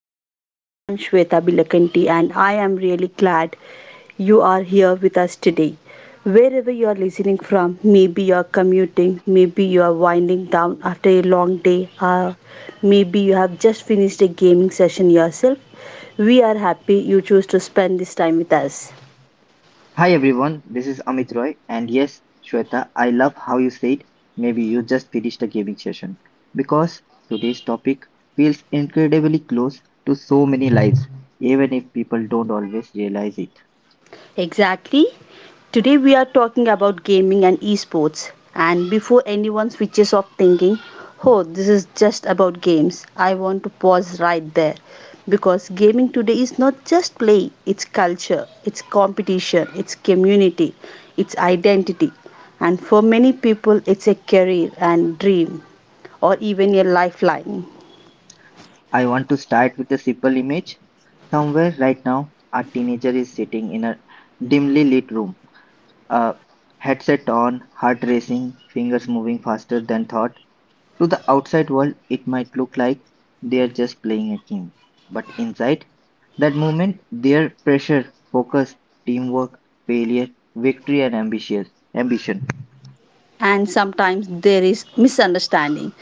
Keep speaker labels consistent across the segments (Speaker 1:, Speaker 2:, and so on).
Speaker 1: podcast. I am Shweta Bilakanti and I am really glad you are here with us today. Wherever you are listening from, maybe you are commuting, maybe you are winding down after a long day, or maybe you have just finished a gaming session yourself, we are happy you choose to spend this time with us.
Speaker 2: Hi everyone, this is Amit Roy, and yes, Shweta, I love how you said maybe you just finished a gaming session because today's topic feels incredibly close to so many lives, even if people don't always realize it.
Speaker 1: Exactly. Today we are talking about gaming and esports. And before anyone switches off thinking, oh, this is just about games, I want to pause right there. Because gaming today is not just play, it's culture, it's competition, it's community, it's identity. And for many people, it's a career and dream, or even a lifeline.
Speaker 2: I want to start with a simple image. Somewhere right now, a teenager is sitting in a dimly lit room, a headset on, heart racing, fingers moving faster than thought. To the outside world, it might look like they're just playing a game, but inside that moment, their pressure, focus, teamwork, failure, victory, and ambitious ambition.
Speaker 1: And sometimes there is misunderstanding.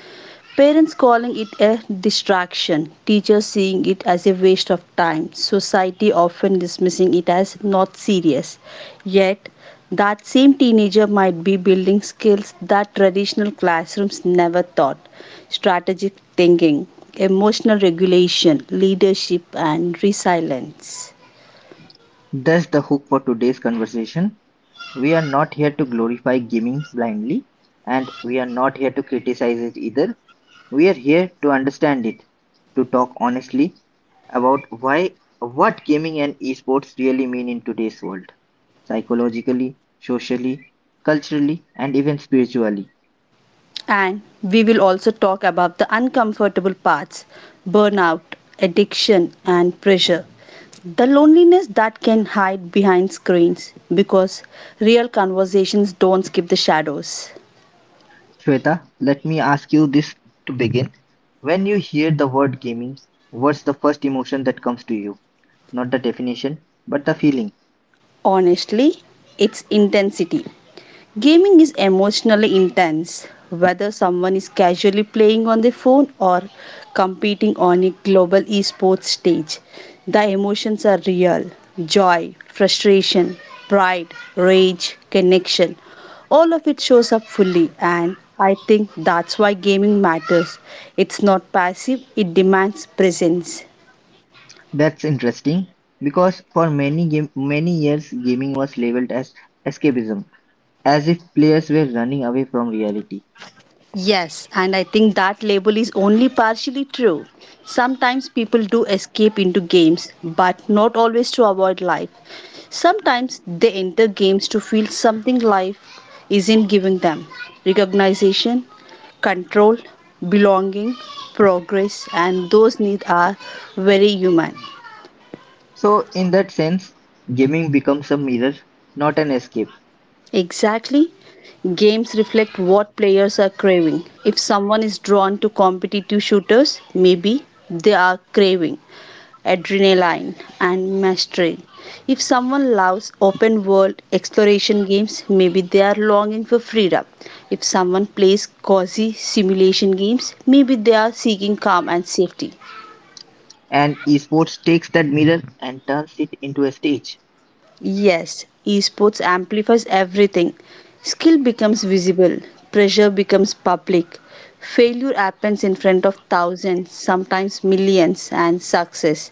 Speaker 1: Parents calling it a distraction, teachers seeing it as a waste of time, society often dismissing it as not serious. Yet, that same teenager might be building skills that traditional classrooms never taught, strategic thinking, emotional regulation, leadership, and resilience.
Speaker 2: That's the hook for today's conversation. We are not here to glorify gaming blindly, and we are not here to criticize it either. We are here to understand it, to talk honestly about why what gaming and esports really mean in today's world, psychologically, socially, culturally, and even spiritually.
Speaker 1: And we will also talk about the uncomfortable parts, burnout, addiction, and pressure. The loneliness that can hide behind screens because real conversations don't skip the shadows.
Speaker 2: Shweta, let me ask you this to begin. When you hear the word gaming, what's the first emotion that comes to you? Not the definition, but the feeling.
Speaker 1: Honestly, it's intensity. Gaming is emotionally intense, whether someone is casually playing on their phone or competing on a global esports stage. The emotions are real, joy, frustration, pride, rage, connection. All of it shows up fully, and I think that's why gaming matters. It's not passive, it demands presence.
Speaker 2: That's interesting because for many years gaming was labeled as escapism, as if players were running away from reality.
Speaker 1: Yes, and I think that label is only partially true. Sometimes people do escape into games, but not always to avoid life. Sometimes they enter games to feel something life isn't giving them, recognition, control, belonging, progress, and those needs are very human.
Speaker 2: So in that sense, gaming becomes a mirror, not an escape.
Speaker 1: Exactly. Games reflect what players are craving. If someone is drawn to competitive shooters, maybe they are craving adrenaline, and mastery. If someone loves open world exploration games, maybe they are longing for freedom. If someone plays cozy simulation games, maybe they are seeking calm and safety.
Speaker 2: And esports takes that mirror and turns it into a stage.
Speaker 1: Yes, esports amplifies everything. Skill becomes visible, pressure becomes public, failure happens in front of thousands, sometimes millions, and success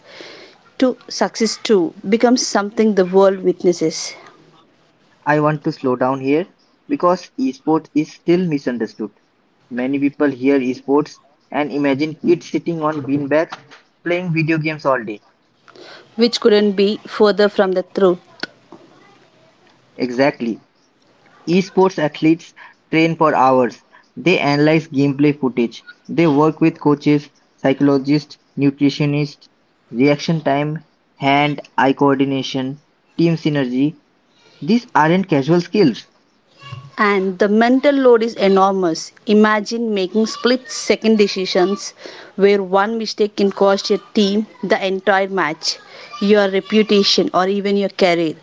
Speaker 1: to success too becomes something the world witnesses.
Speaker 2: I want to slow down here because esports is still misunderstood. Many people hear esports and imagine kids sitting on beanbags playing video games all day.
Speaker 1: Which couldn't be further from the truth.
Speaker 2: Exactly. Esports athletes train for hours. They analyze gameplay footage. They work with coaches, psychologists, nutritionists, reaction time, hand eye coordination, team synergy. These aren't casual skills.
Speaker 1: And the mental load is enormous. Imagine making split second decisions where one mistake can cost your team the entire match, your reputation, or even your career.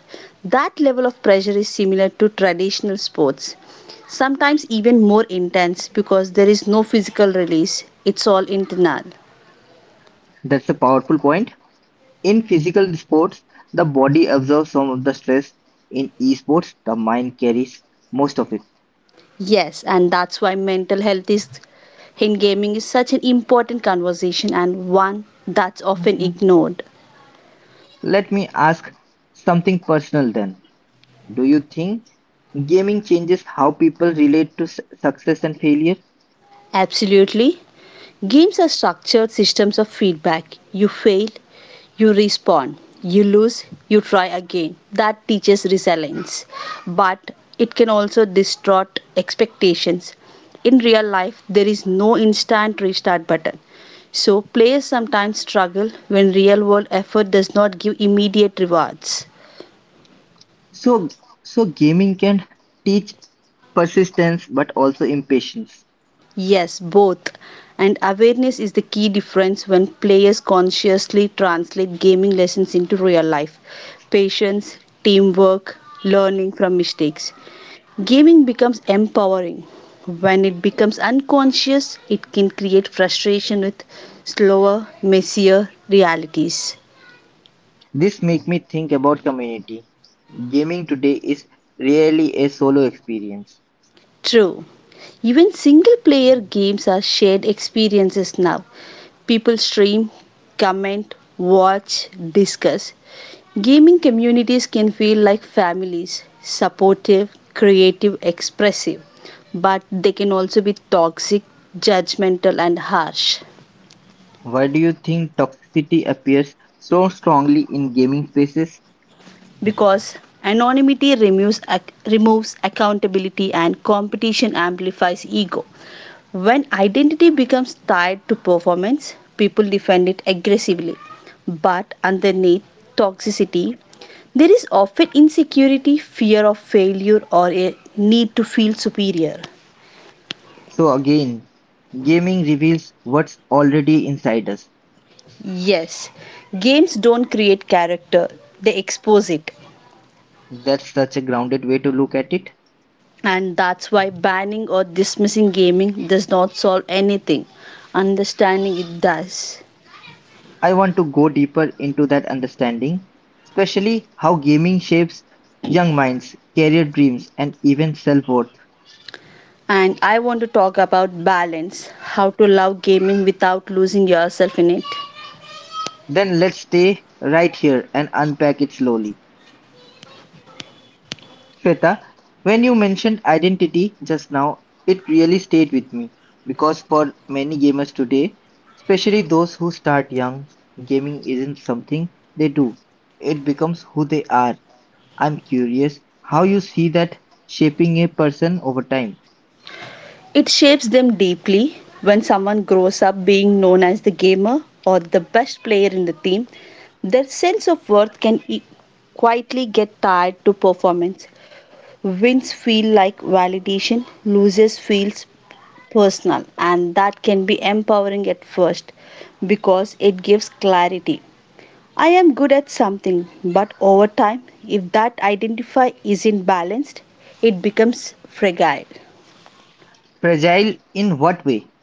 Speaker 1: That level of pressure is similar to traditional sports, sometimes even more intense because there is no physical release, it's all internal.
Speaker 2: That's a powerful point. In physical sports, the body absorbs some of the stress. In esports, the mind carries most of it.
Speaker 1: Yes, and that's why mental health is in gaming is such an important conversation and one that's often ignored.
Speaker 2: Let me ask something personal then. Do you think gaming changes how people relate to success and failure?
Speaker 1: Absolutely. Games are structured systems of feedback. You fail, you respawn, you lose, you try again. That teaches resilience. But it can also distort expectations. In real life, there is no instant restart button. So, players sometimes struggle when real world effort does not give immediate rewards.
Speaker 2: So, so gaming can teach persistence but also impatience.
Speaker 1: Yes, both. And awareness is the key difference when players consciously translate gaming lessons into real life. Patience, teamwork, learning from mistakes. Gaming becomes empowering. When it becomes unconscious, it can create frustration with slower, messier realities.
Speaker 2: This make me think about community. Gaming today is rarely a solo experience.
Speaker 1: True. Even single player games are shared experiences now. People stream, comment, watch, discuss. Gaming communities can feel like families, supportive, creative, expressive, but they can also be toxic, judgmental, and harsh.
Speaker 2: Why do you think toxicity appears so strongly in gaming spaces?
Speaker 1: Because anonymity removes accountability and competition amplifies ego. When identity becomes tied to performance, people defend it aggressively. But underneath toxicity, there is often insecurity, fear of failure, or a need to feel superior.
Speaker 2: So again, gaming reveals what's already inside us.
Speaker 1: Yes, games don't create character, they expose it.
Speaker 2: That's such a grounded way to look at it.
Speaker 1: And that's why banning or dismissing gaming does not solve anything. Understanding it does.
Speaker 2: I want to go deeper into that understanding, especially how gaming shapes young minds, career dreams, and even self-worth.
Speaker 1: And I want to talk about balance, how to love gaming without losing yourself in it.
Speaker 2: Then let's stay right here and unpack it slowly. Shweta, when you mentioned identity just now, it really stayed with me because for many gamers today, especially those who start young, gaming isn't something they do. It becomes who they are. I'm curious how you see that shaping a person over time.
Speaker 1: It shapes them deeply. When someone grows up being known as the gamer or the best player in the team, their sense of worth can quietly get tied to performance. Wins feel like validation, losers feels personal, and that can be empowering at first because it gives clarity, I am good at something, but over time, if that identify isn't balanced, it becomes fragile.
Speaker 2: Fragile in what way?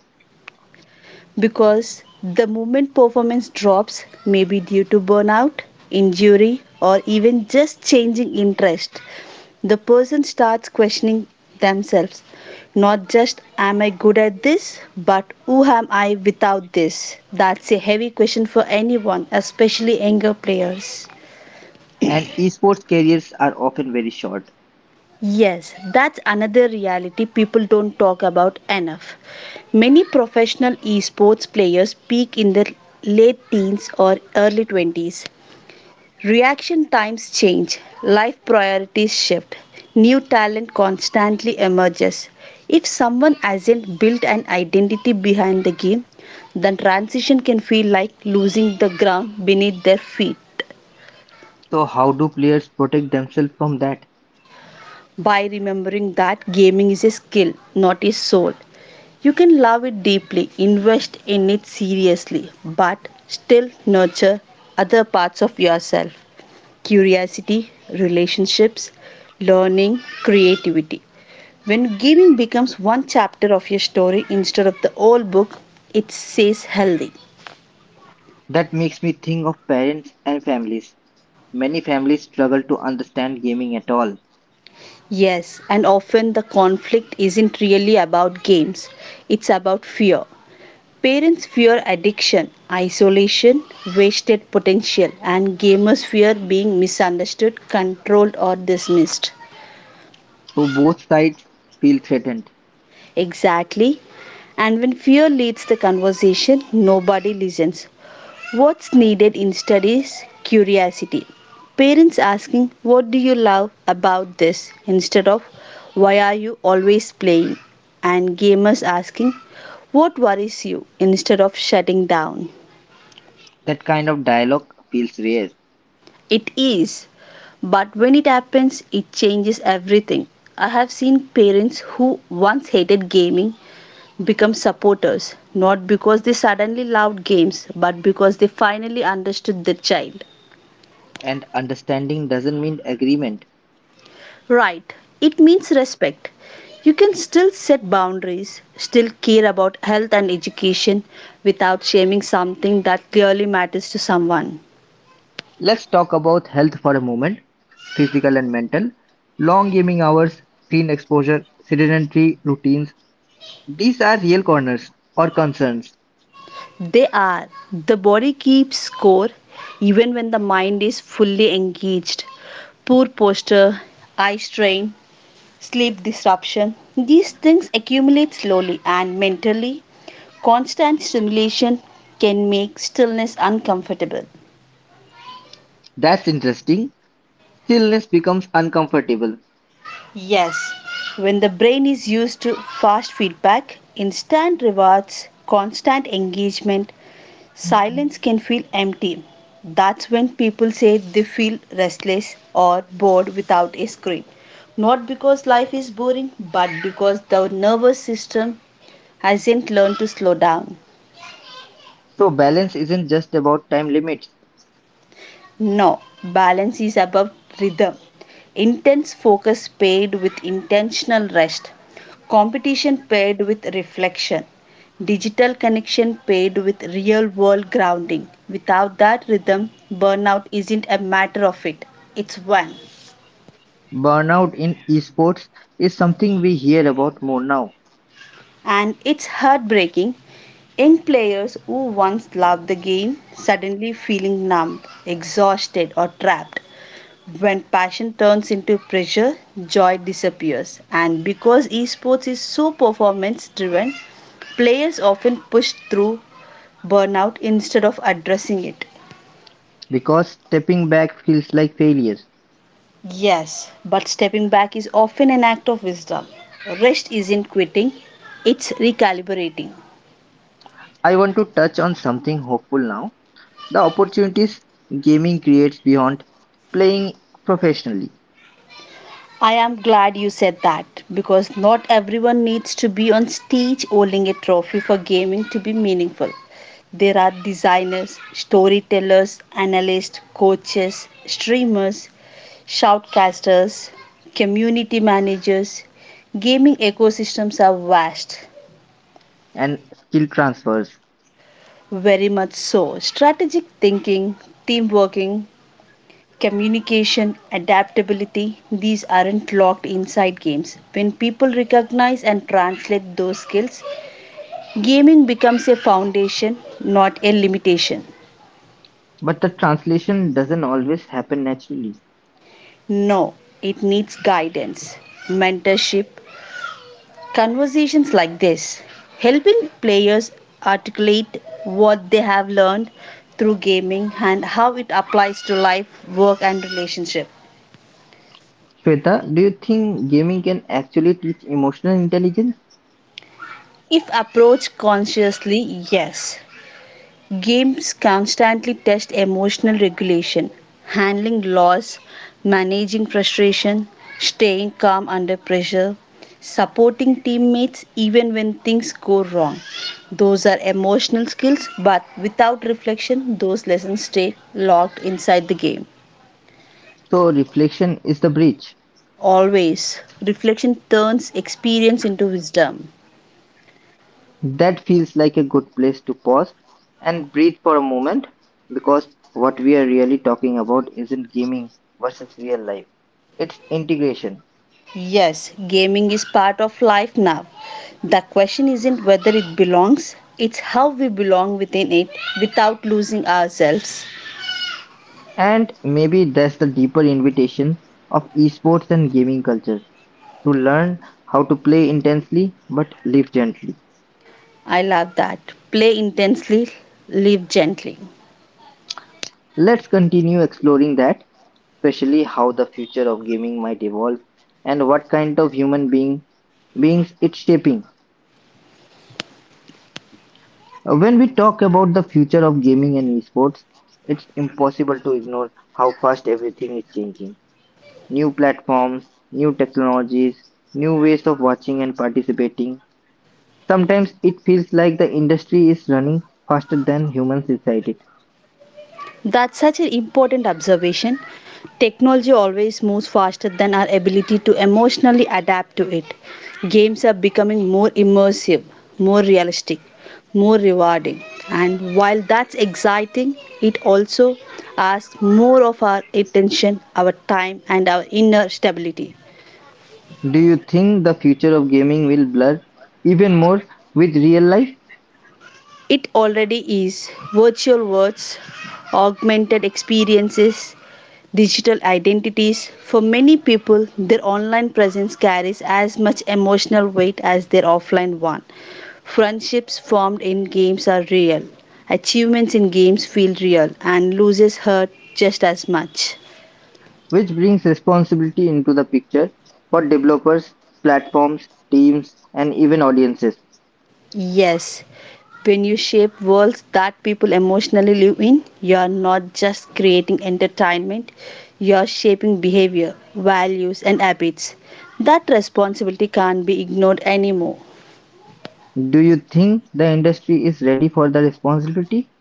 Speaker 1: Because the movement performance drops may be due to burnout, injury, or even just changing interest. The person starts questioning themselves, not just am I good at this, but who am I without this? That's a heavy question for anyone, especially younger players.
Speaker 2: And esports careers are often very short.
Speaker 1: Yes, that's another reality people don't talk about enough. Many professional esports players peak in their late teens or early 20s. Reaction times change, life priorities shift, new talent constantly emerges. If someone hasn't built an identity behind the game, then transition can feel like losing the ground beneath their feet.
Speaker 2: So how do players protect themselves from that?
Speaker 1: By remembering that gaming is a skill, not a soul. You can love it deeply, invest in it seriously, but still nurture other parts of yourself, curiosity, relationships, learning, creativity. When gaming becomes one chapter of your story instead of the whole book, it says healthy.
Speaker 2: That makes me think of parents and families. Many families struggle to understand gaming at all,
Speaker 1: Yes, and often the conflict isn't really about games, it's about fear. Parents fear addiction, isolation, wasted potential, and gamers fear being misunderstood, controlled, or dismissed.
Speaker 2: so both sides feel threatened.
Speaker 1: Exactly. And when fear leads the conversation, nobody listens. What's needed instead is curiosity. Parents asking, what do you love about this, instead of, why are you always playing? And gamers asking, what worries you, instead of shutting down.
Speaker 2: That kind of dialogue feels rare,
Speaker 1: It is. But when it happens, it changes everything. I have seen parents who once hated gaming become supporters, not because they suddenly loved games, but because they finally understood their child.
Speaker 2: and understanding doesn't mean agreement.
Speaker 1: Right, it means respect. You can still set boundaries, still care about health and education without shaming something that clearly matters to someone.
Speaker 2: Let's talk about health for a moment, physical and mental. Long gaming hours, screen exposure, sedentary routines, these are real corners or concerns.
Speaker 1: They are. The body keeps score even when the mind is fully engaged. Poor posture, eye strain, sleep disruption. These things accumulate slowly and mentally. Constant stimulation can make stillness uncomfortable.
Speaker 2: That's interesting. Stillness becomes uncomfortable.
Speaker 1: Yes, when the brain is used to fast feedback, instant rewards, constant engagement, silence can feel empty. That's when people say they feel restless or bored without a script. Not because life is boring, but because the nervous system hasn't learned to slow down.
Speaker 2: So, balance isn't just about time limits.
Speaker 1: No, balance is about rhythm. Intense focus paired with intentional rest. Competition paired with reflection. Digital connection paired with real world grounding. Without that rhythm, burnout isn't a matter of it, it's one.
Speaker 2: Burnout in esports is something we hear about more now.
Speaker 1: And it's heartbreaking. Young players who once loved the game suddenly feeling numb, exhausted, or trapped. When passion turns into pressure, joy disappears. And because esports is so performance driven, players often push through burnout instead of addressing it.
Speaker 2: Because stepping back feels like failure.
Speaker 1: Yes, but stepping back is often an act of wisdom. Rest isn't quitting, it's recalibrating.
Speaker 2: I want to touch on something hopeful now, the opportunities gaming creates beyond playing professionally,
Speaker 1: I am glad you said that because not everyone needs to be on stage holding a trophy for gaming to be meaningful. There are designers, storytellers, analysts, coaches, streamers, shoutcasters, community managers. Gaming ecosystems are vast.
Speaker 2: and skill transfers.
Speaker 1: Very much so. Strategic thinking, team working, communication, adaptability, these aren't locked inside games. When people recognize and translate those skills, gaming becomes a foundation, not a limitation.
Speaker 2: But the translation doesn't always happen naturally.
Speaker 1: No, it needs guidance, mentorship, conversations like this, helping players articulate what they have learned through gaming and how it applies to life, work, and relationship.
Speaker 2: Shweta, do you think gaming can actually teach emotional intelligence?
Speaker 1: If approached consciously, yes. Games constantly test emotional regulation, handling loss, managing frustration, staying calm under pressure, supporting teammates even when things go wrong. Those are emotional skills, but without reflection, those lessons stay locked inside the game.
Speaker 2: So, reflection is the bridge.
Speaker 1: Always, reflection turns experience into wisdom.
Speaker 2: That feels like a good place to pause and breathe for a moment because what we are really talking about isn't gaming versus real life, it's integration.
Speaker 1: Yes, gaming is part of life now. The question isn't whether it belongs, it's how we belong within it without losing ourselves.
Speaker 2: And maybe that's the deeper invitation of esports and gaming culture to learn how to play intensely but live gently.
Speaker 1: I love that. Play intensely, live gently.
Speaker 2: Let's continue exploring that, especially how the future of gaming might evolve and what kind of human being beings it's shaping. When we talk about the future of gaming and esports, it's impossible to ignore how fast everything is changing. New platforms, new technologies, new ways of watching and participating. Sometimes it feels like the industry is running faster than humans inside it.
Speaker 1: That's such an important observation. Technology always moves faster than our ability to emotionally adapt to it. Games are becoming more immersive, more realistic, more rewarding. And while that's exciting, it also asks more of our attention, our time, and our inner stability.
Speaker 2: Do you think the future of gaming will blur even more with real life?
Speaker 1: It already is. Virtual worlds, augmented experiences, digital identities. For many people, their online presence carries as much emotional weight as their offline one. Friendships formed in games are real. Achievements in games feel real and loses hurt just as much.
Speaker 2: Which brings responsibility into the picture for developers, platforms, teams, and even audiences.
Speaker 1: Yes, when you shape worlds that people emotionally live in, you are not just creating entertainment, you are shaping behavior, values, and habits. That responsibility can't be ignored anymore.
Speaker 2: Do you think the industry is ready for the responsibility?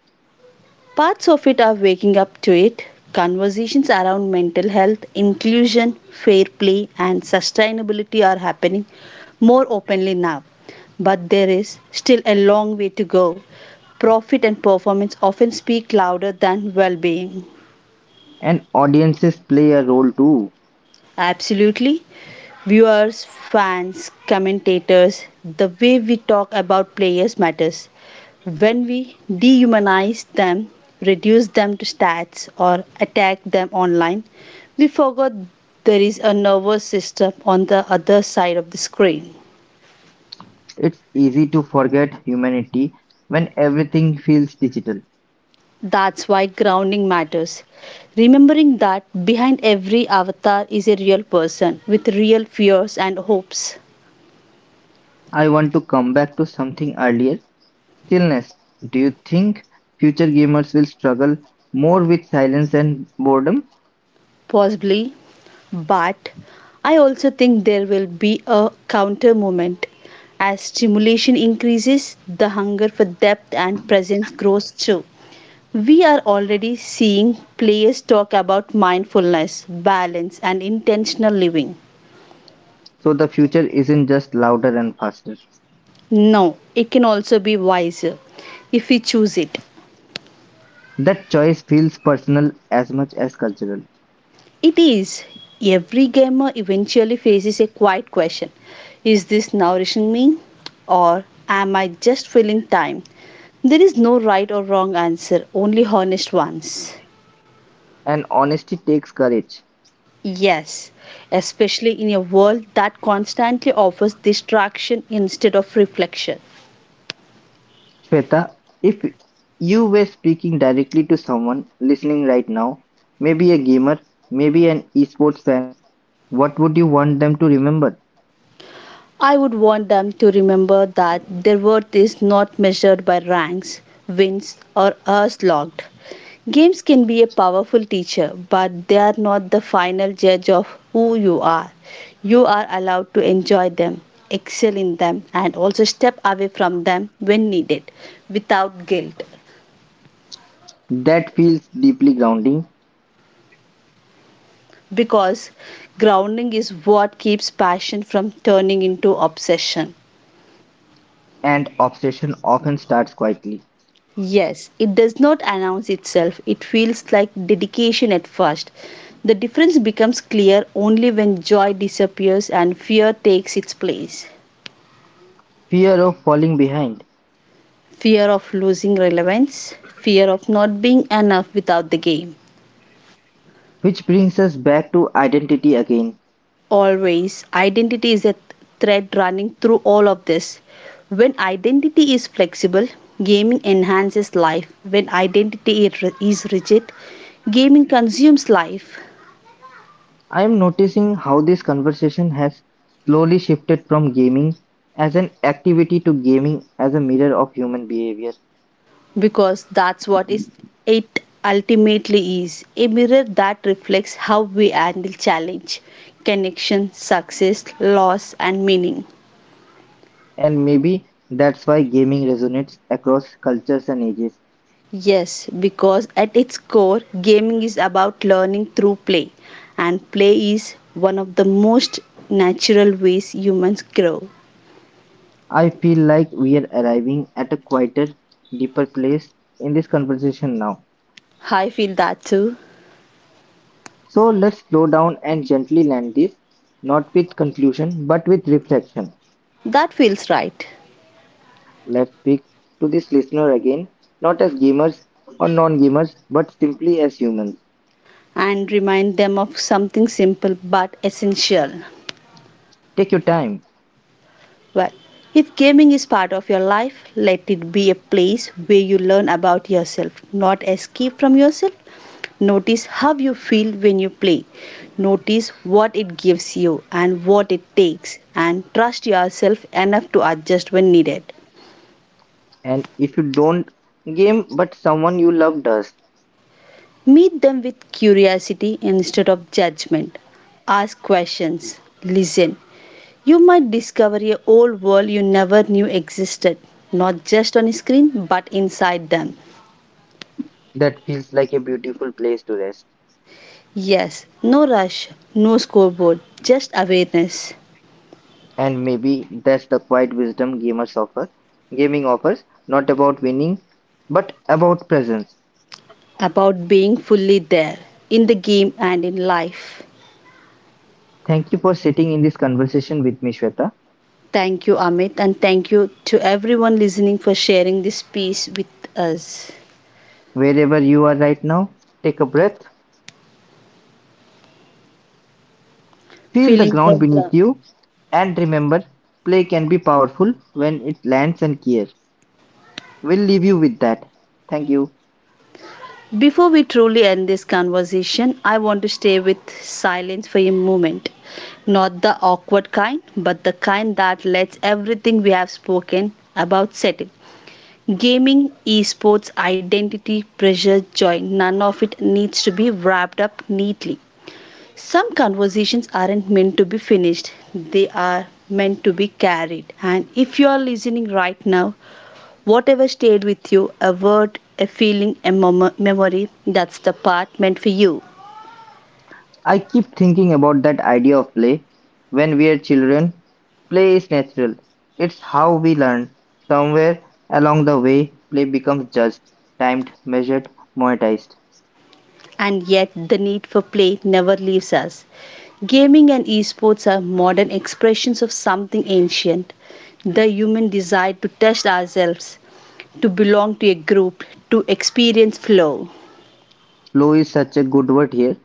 Speaker 1: Parts of it are waking up to it. Conversations around mental health, inclusion, fair play, and sustainability are happening more openly now. But there is still a long way to go. Profit and performance often speak louder than well being.
Speaker 2: And audiences play a role too.
Speaker 1: Absolutely. Viewers, fans, commentators, the way we talk about players matters. When we dehumanize them, reduce them to stats, or attack them online, we forgot there is a nervous system on the other side of the screen.
Speaker 2: It's easy to forget humanity when everything feels digital.
Speaker 1: That's why grounding matters. Remembering that behind every avatar is a real person with real fears and hopes.
Speaker 2: I want to come back to something earlier, stillness. Do you think future gamers will struggle more with silence and boredom?
Speaker 1: Possibly, but I also think there will be a counter movement. As stimulation increases, the hunger for depth and presence grows too. We are already seeing players talk about mindfulness, balance, and intentional living.
Speaker 2: So the future isn't just louder and faster.
Speaker 1: No, it can also be wiser if we choose it.
Speaker 2: That choice feels personal as much as cultural.
Speaker 1: It is. Every gamer eventually faces a quiet question: is this nourishing me? Or am I just filling time? There is no right or wrong answer, only honest ones.
Speaker 2: And honesty takes courage.
Speaker 1: Yes, especially in a world that constantly offers distraction instead of reflection.
Speaker 2: Shweta, if you were speaking directly to someone listening right now, maybe a gamer, maybe an esports fan, what would you want them to remember?
Speaker 1: I would want them to remember that their worth is not measured by ranks, wins, or hours logged. Games can be a powerful teacher, but they are not the final judge of who you are. You are allowed to enjoy them, excel in them, and also step away from them when needed without guilt.
Speaker 2: That feels deeply grounding,
Speaker 1: Because grounding is what keeps passion from turning into obsession.
Speaker 2: and obsession often starts quietly.
Speaker 1: Yes, it does not announce itself. It feels like dedication at first. The difference becomes clear only when joy disappears and fear takes its place.
Speaker 2: Fear of falling behind,
Speaker 1: Fear of losing relevance, fear of not being enough without the game.
Speaker 2: which brings us back to identity again.
Speaker 1: Always, identity is a thread running through all of this. When identity is flexible, gaming enhances life. When identity is rigid, gaming consumes life.
Speaker 2: I am noticing how this conversation has slowly shifted from gaming as an activity to gaming as a mirror of human behavior.
Speaker 1: Because that's what is it ultimately is, a mirror that reflects how we handle challenge, connection, success, loss, and meaning.
Speaker 2: And maybe that's why gaming resonates across cultures and ages.
Speaker 1: Yes, because at its core, gaming is about learning through play, and play is one of the most natural ways humans grow.
Speaker 2: I feel like we are arriving at a quieter, deeper place in this conversation now.
Speaker 1: I feel that too.
Speaker 2: So let's slow down and gently land this, not with conclusion, but with reflection.
Speaker 1: That feels right.
Speaker 2: Let's speak to this listener again, not as gamers or non gamers, but simply as humans.
Speaker 1: And remind them of something simple but essential.
Speaker 2: Take your time,
Speaker 1: Well, if gaming is part of your life, let it be a place where you learn about yourself, not escape from yourself. Notice how you feel when you play. Notice what it gives you and what it takes, and trust yourself enough to adjust when needed.
Speaker 2: and if you don't game, but someone you love does,
Speaker 1: Meet them with curiosity instead of judgment. Ask questions. Listen. You might discover a whole world you never knew existed, not just on a screen but inside them.
Speaker 2: that feels like a beautiful place to rest.
Speaker 1: Yes, no rush, no scoreboard, just awareness
Speaker 2: And maybe that's the quiet wisdom gamers offer. Gaming offers not about winning, but about presence.
Speaker 1: about being fully there in the game and in life.
Speaker 2: Thank you for sitting in this conversation with me, Shweta.
Speaker 1: Thank you, Amit, and thank you to everyone listening for sharing this piece with us.
Speaker 2: Wherever you are right now, take a breath, feel the
Speaker 1: Feeling
Speaker 2: ground
Speaker 1: the ground.
Speaker 2: beneath you, and remember play can be powerful when it lands and cares. We'll leave you with that. Thank you.
Speaker 1: Before we truly end this conversation, I want to stay with silence for a moment. Not the awkward kind, but the kind that lets everything we have spoken about settle. Gaming, esports, identity, pressure, joy, none of it needs to be wrapped up neatly. Some conversations aren't meant to be finished, they are meant to be carried. And if you are listening right now, whatever stayed with you, a word, a feeling, a memory, that's the part meant for you.
Speaker 2: I keep thinking about that idea of play. When we are children, play is natural. It's how we learn. Somewhere along the way, play becomes judged, timed, measured, monetized.
Speaker 1: And yet, the need for play never leaves us. Gaming and esports are modern expressions of something ancient, the human desire to test ourselves, to belong to a group, to experience flow.
Speaker 2: Flow is such a good word here.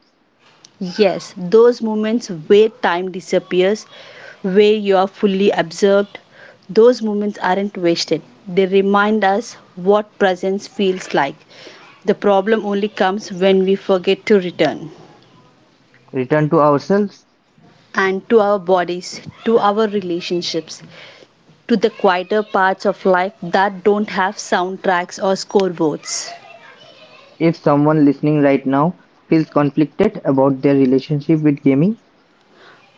Speaker 1: Yes, those moments where time disappears, where you are fully absorbed, those moments aren't wasted. They remind us what presence feels like. The problem only comes when we forget to return.
Speaker 2: Return to ourselves.
Speaker 1: And to our bodies, to our relationships, to the quieter parts of life that don't have soundtracks or scoreboards.
Speaker 2: If someone listening right now feels conflicted about their relationship with gaming,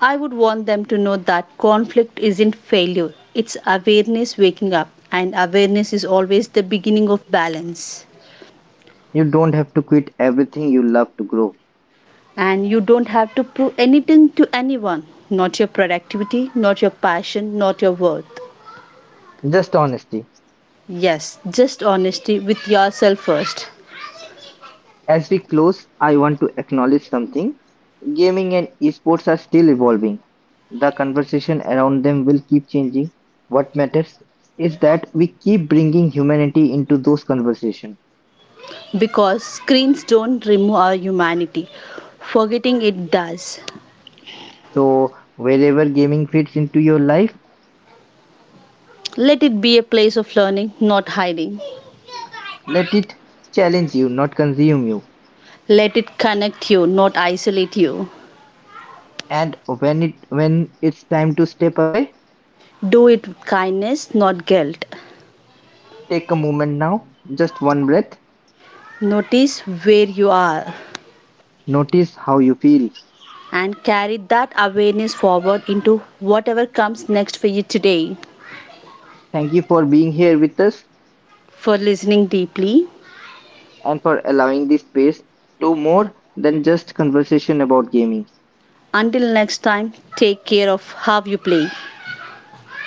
Speaker 1: I would want them to know that conflict isn't failure, it's awareness waking up, and awareness is always the beginning of balance.
Speaker 2: you don't have to quit everything you love to grow.
Speaker 1: And you don't have to prove anything to anyone, not your productivity, not your passion, not your worth.
Speaker 2: Just honesty.
Speaker 1: Yes, just honesty with yourself first.
Speaker 2: As we close, I want to acknowledge something. Gaming and esports are still evolving. The conversation around them will keep changing. What matters is that we keep bringing humanity into those conversations.
Speaker 1: Because screens don't remove our humanity. Forgetting it does.
Speaker 2: So, wherever gaming fits into your life,
Speaker 1: Let it be a place of learning, not hiding.
Speaker 2: let it challenge you, not consume you.
Speaker 1: Let it connect you, not isolate you.
Speaker 2: And when it's time to step away,
Speaker 1: Do it with kindness, not guilt.
Speaker 2: take a moment now, just one breath.
Speaker 1: Notice where you are
Speaker 2: Notice how you feel.
Speaker 1: and carry that awareness forward into whatever comes next for you today.
Speaker 2: Thank you for being here with us,
Speaker 1: For listening deeply.
Speaker 2: and for allowing the space to more than just conversation about gaming,
Speaker 1: Until next time, take care of how you play.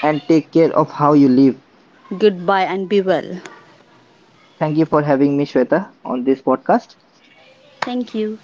Speaker 2: and take care of how you live.
Speaker 1: Goodbye and be well.
Speaker 2: Thank you for having me, Shweta, on this podcast.
Speaker 1: Thank you.